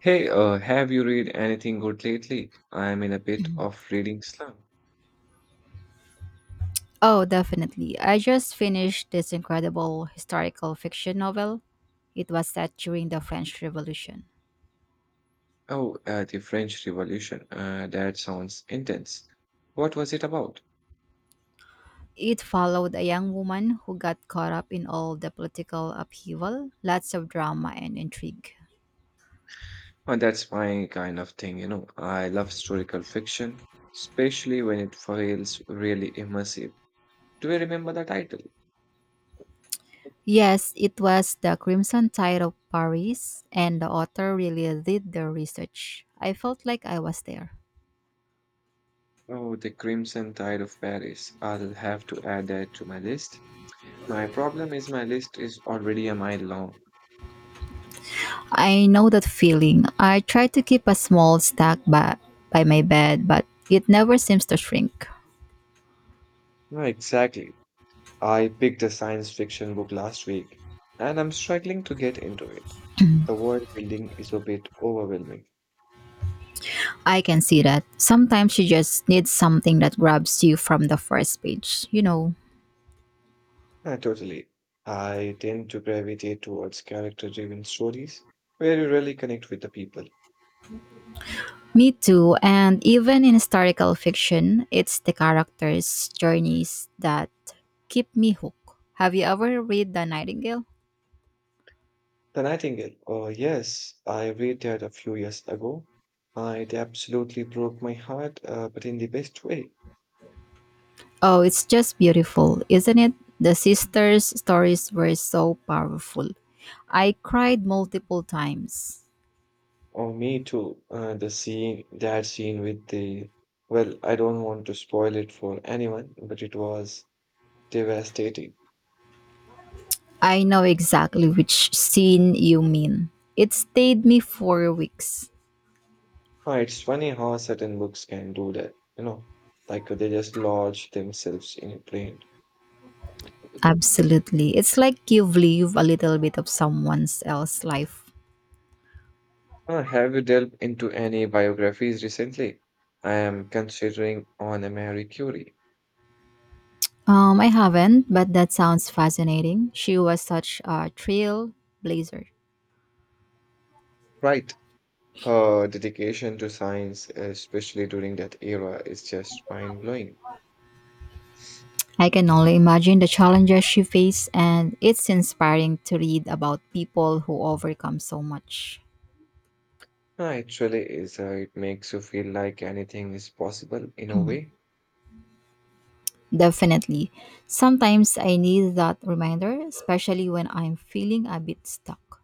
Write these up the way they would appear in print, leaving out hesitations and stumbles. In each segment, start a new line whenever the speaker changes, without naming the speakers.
Hey, have you read anything good lately? I'm in a bit of reading slump.
Oh, definitely. I just finished this incredible historical fiction novel. It was set during the French Revolution.
Oh, the French Revolution. That sounds intense. What was it about?
It followed a young woman who got caught up in all the political upheaval, lots of drama and intrigue.
Well, that's my kind of thing. I love historical fiction, especially when it feels really immersive. Do you remember the title?
Yes, it was the Crimson Tide of Paris, and the author really did their research. I felt like I was there.
Oh, The Crimson Tide of Paris. I'll have to add that to my list. My problem is my list is already a mile long.
I know that feeling. I try to keep a small stack by my bed, but it never seems to shrink.
No, exactly. I picked a science fiction book last week, and I'm struggling to get into it. The world building is a bit overwhelming.
I can see that. Sometimes you just need something that grabs you from the first page.
Ah, totally. I tend to gravitate towards character driven stories where you really connect with the people.
Me too, and even in historical fiction, it's the characters' journeys that keep me hooked. Have you ever read The Nightingale?
The Nightingale. Oh, yes, I read that a few years ago. It absolutely broke my heart, but in the best way.
Oh, it's just beautiful, isn't it? The sisters' stories were so powerful. I cried multiple times.
Oh, me too. The that scene with the. Well, I don't want to spoil it for anyone, but it was devastating.
I know exactly which scene you mean. It stayed me for weeks.
Oh, it's funny how certain books can do that, like they just lodge themselves in your brain.
Absolutely. It's like you've lived a little bit of someone else's life.
Have you delved into any biographies recently? I am considering on a Marie Curie.
I haven't, but that sounds fascinating. She was such a trailblazer.
Right. Her dedication to science, especially during that era, is just mind blowing.
I can only imagine the challenges she faced, and it's inspiring to read about people who overcome so much.
It Actually, is it makes you feel like anything is possible in a way.
Definitely. Sometimes I need that reminder, especially when I'm feeling a bit stuck.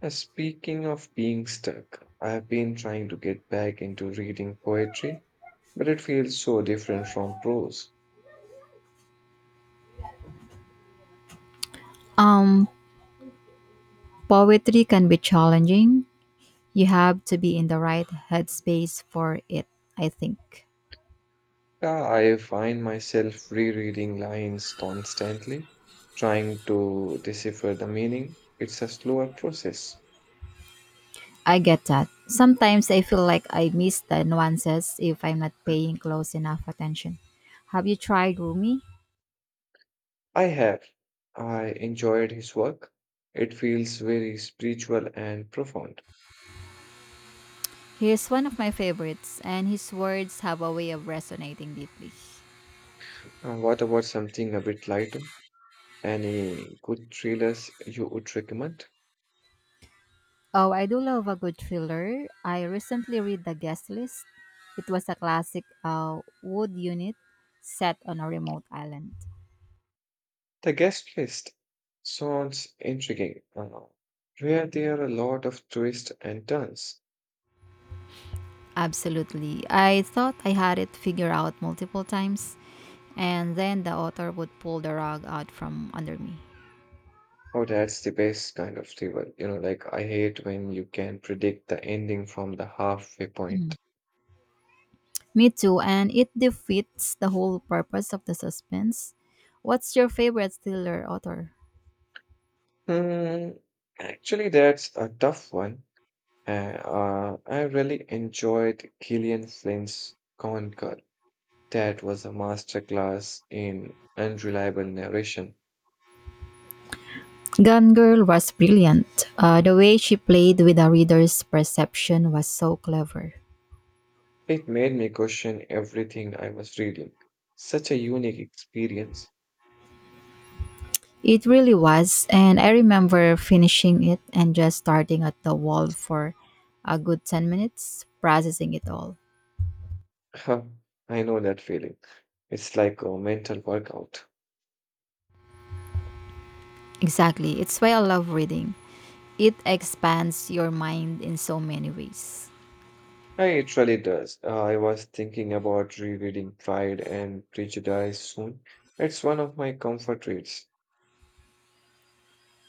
Speaking of being stuck, I have been trying to get back into reading poetry, but it feels so different from prose.
Um, Poetry can be challenging. You have to be in the right headspace for it, I think.
Yeah, I find myself rereading lines constantly, trying to decipher the meaning. It's a slower process.
I get that. Sometimes I feel like I miss the nuances if I'm not paying close enough attention. Have you tried Rumi?
I have. I enjoyed his work. It feels very spiritual and profound.
He's one of my favorites, and his words have a way of resonating deeply.
What about something a bit lighter? Any good thrillers you would recommend?
Oh, I do love a good thriller. I recently read The Guest List. It was a classic wood unit set on a remote island.
The guest list sounds intriguing. Where there are a lot of twists and turns.
Absolutely. I thought I had it figured out multiple times, and then the author would pull the rug out from under me.
Oh, that's the best kind of thriller. You know, like I hate when you can predict the ending from the halfway point.
Mm. Me too, and it defeats the whole purpose of the suspense. What's your favorite thriller author?
Hmm, actually, that's a tough one. I really enjoyed Gillian Flynn's Gone Girl. That was a masterclass in unreliable narration.
Gone Girl was brilliant. The way she played with the reader's perception was so clever.
It made me question everything I was reading. Such a unique experience.
It really was, and I remember finishing it and just starting at the wall for a good 10 minutes, processing it all.
I know that feeling. It's like a mental workout.
Exactly. It's why I love reading. It expands your mind in so many ways.
Yeah, it really does. I was thinking about rereading Pride and Prejudice soon. It's one of my comfort reads.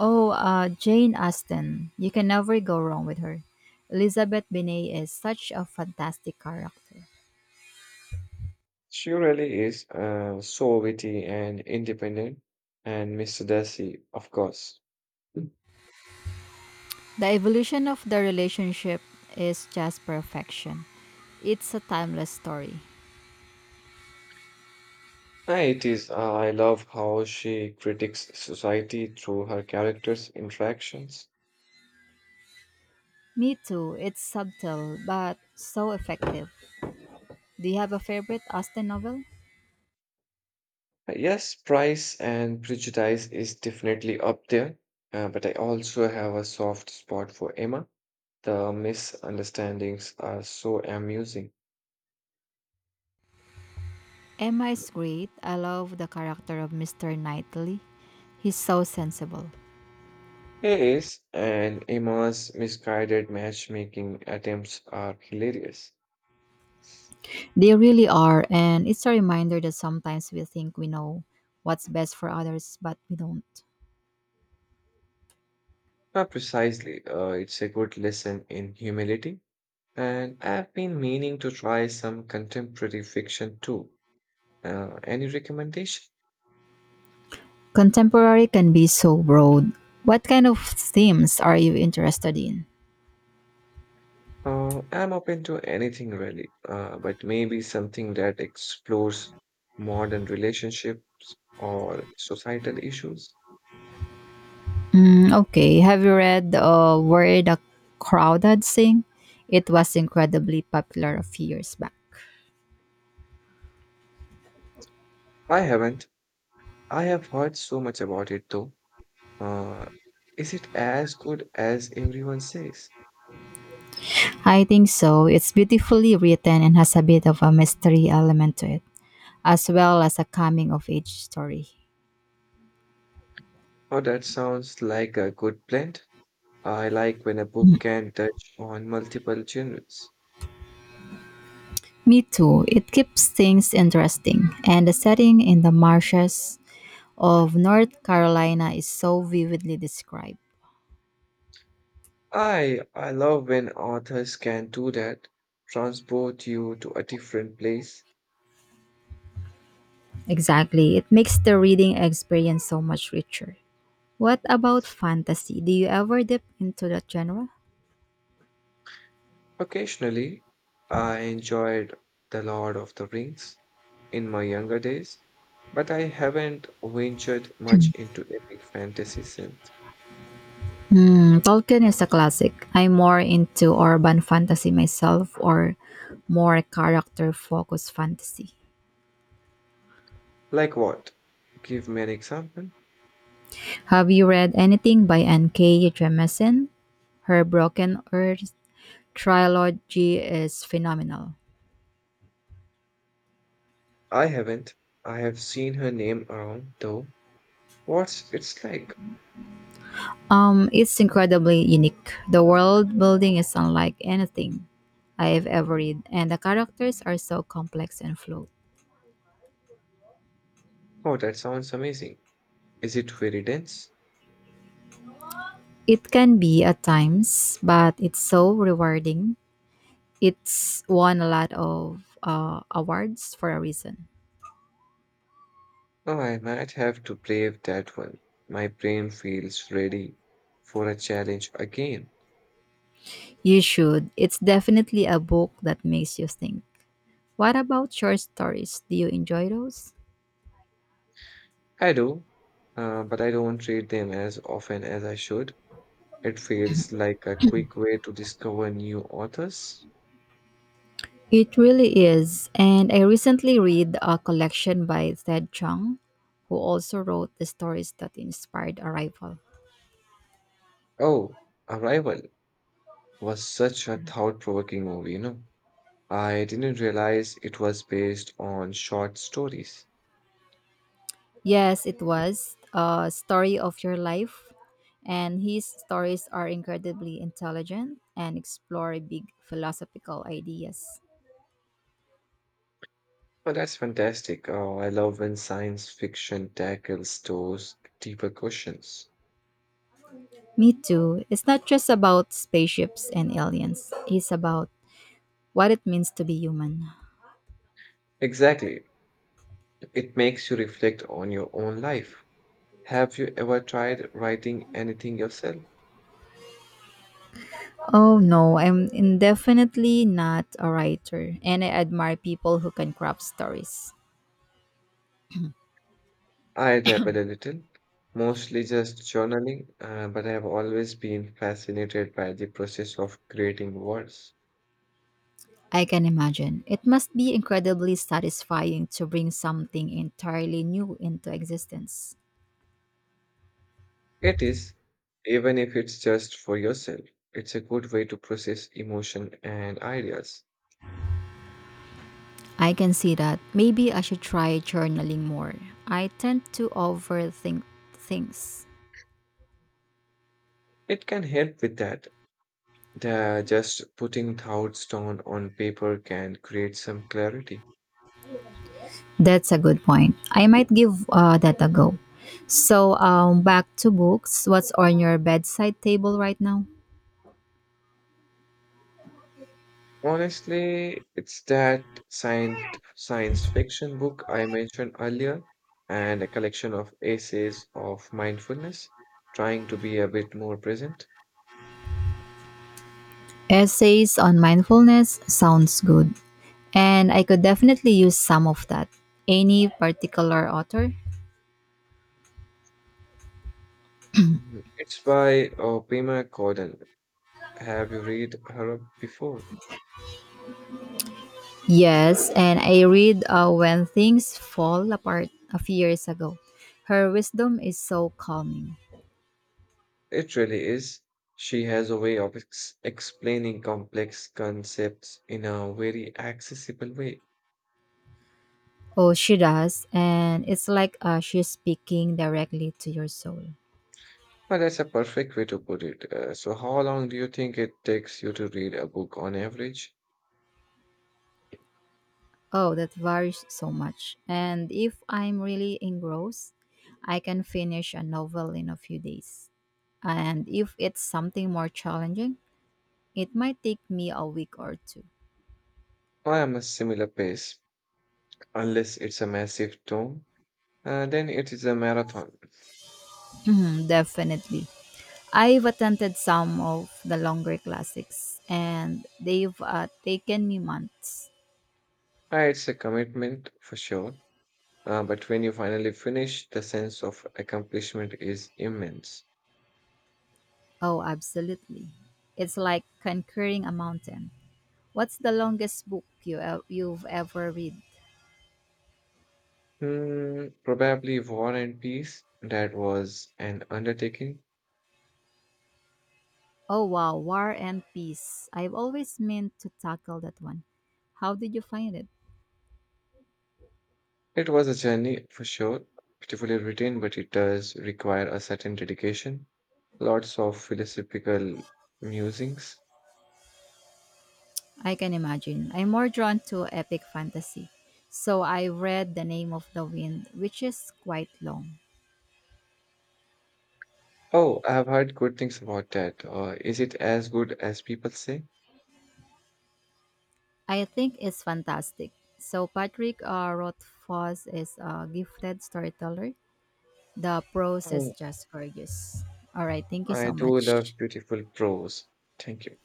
Oh, Jane Austen. You can never go wrong with her. Elizabeth Binet is such a fantastic character.
She really is so witty and independent, and Mr. Darcy, of course. Yeah,
The evolution of the relationship is just perfection. It's a timeless story.
it is. I love how she critiques society through her characters' interactions.
Me too. It's subtle but so effective. Do you have a favorite Austen novel?
Yes, Price and Prejudice is definitely up there, but I also have a soft spot for Emma. The misunderstandings are so amusing.
Emma is great. I love the character of Mr. Knightley. He's so sensible.
Yes, and Emma's misguided matchmaking attempts are hilarious.
They really are, and it's a reminder that sometimes we think we know what's best for others, but we don't.
Precisely, it's a good lesson in humility. And I've been meaning to try some contemporary fiction too. Any recommendation?
Contemporary can be so broad. What kind of themes are you interested in?
I'm open to anything really, but maybe something that explores modern relationships or societal issues.
Mm, okay, have you read Where the Crowd Had Sing? It was incredibly popular a few years back.
I haven't. I have heard so much about it though. Uh, is it as good as everyone says?
I think so. It's beautifully written and has a bit of a mystery element to it, as well as a coming of age story.
Oh, that sounds like a good blend. I like when a book can touch on multiple genres.
Me too. It keeps things interesting, and the setting in the marshes of North Carolina is so vividly described.
I love when authors can do that, transport you to a different place.
Exactly. It makes the reading experience so much richer. What about fantasy? Do you ever dip into that genre?
Occasionally, I enjoyed The Lord of the Rings in my younger days, but I haven't ventured much into epic fantasy since.
Hmm, Tolkien is a classic. I'm more into urban fantasy myself or more character focused fantasy.
Like what? Give me an example.
Have you read anything by N.K. Jemisin? Her Broken Earth trilogy is phenomenal.
I haven't. I have seen her name around though. What's it's like?
It's incredibly unique. The world building is unlike anything I've ever read, and the characters are so complex and fluid.
Oh, that sounds amazing. Is it very dense?
It can be at times, but it's so rewarding. It's won a lot of awards for a reason.
Oh, I might have to brave that one. My brain feels ready for a challenge again.
You should. It's definitely a book that makes you think. What about short stories? Do you enjoy those?
I do, but I don't read them as often as I should. It feels like a quick way to discover new authors.
It really is. And I recently read a collection by Ted Chung, who also wrote the stories that inspired Arrival.
Oh, Arrival was such a thought-provoking movie. I didn't realize it was based on short stories.
Yes, it was a story of your life. And his stories are incredibly intelligent and explore big philosophical ideas.
Oh, that's fantastic. Oh, I love when science fiction tackles those deeper questions.
Me too. It's not just about spaceships and aliens, it's about what it means to be human.
Exactly. It makes you reflect on your own life. Have you ever tried writing anything yourself?
Oh no, definitely not a writer, and I admire people who can craft stories.
I dabble a little, mostly just journaling, but I have always been fascinated by the process of creating words.
I can imagine. It must be incredibly satisfying to bring something entirely new into existence.
It is, even if it's just for yourself, it's a good way to process emotion and ideas.
I can see that. Maybe I should try journaling more. I tend to overthink things.
It can help with that. The just putting thoughts down on paper can create some clarity.
That's a good point. I might give that a go. So, back to books. What's on your bedside table right now?
Honestly, it's that science fiction book I mentioned earlier and a collection of essays of mindfulness, trying to be a bit more present.
Essays on mindfulness sounds good. And I could definitely use some of that. Any particular author?
Mhm. It's by Pema Chodron. Have you read her before?
Yes, and I read When Things Fall Apart a few years ago. Her wisdom is so calming.
It really is. She has a way of explaining complex concepts in a very accessible way.
Oh, she does, and it's like she's speaking directly to your soul.
Well, that's a perfect way to put it. So, how long do you think it takes you to read a book on average?
Oh, that varies so much. And if I'm really engrossed, I can finish a novel in a few days. And if it's something more challenging, it might take me a week or two.
I am a similar pace, unless it's a massive tome. Then it is a marathon.
Mhm, definitely. I've attempted some of the longer classics and they've taken me months.
It's a commitment for sure. But when you finally finish, the sense of accomplishment is immense.
Oh, absolutely. It's like conquering a mountain. What's the longest book you've ever read?
Hmm, probably War and Peace. That was an undertaking.
Oh wow, War and Peace. I've always meant to tackle that one. How did you find it?
It was a journey for sure, beautifully written, but it does require a certain dedication. Lots of philosophical musings.
I can imagine. I'm more drawn to epic fantasy. So I read The Name of the Wind, which is quite long.
Oh, I've heard good things about that. Is it as good as people say?
I think it's fantastic. So Patrick Rothfuss is a gifted storyteller. The prose is
Oh,
just gorgeous. All right, thank you
I
so
do
much.
love beautiful prose. Thank you.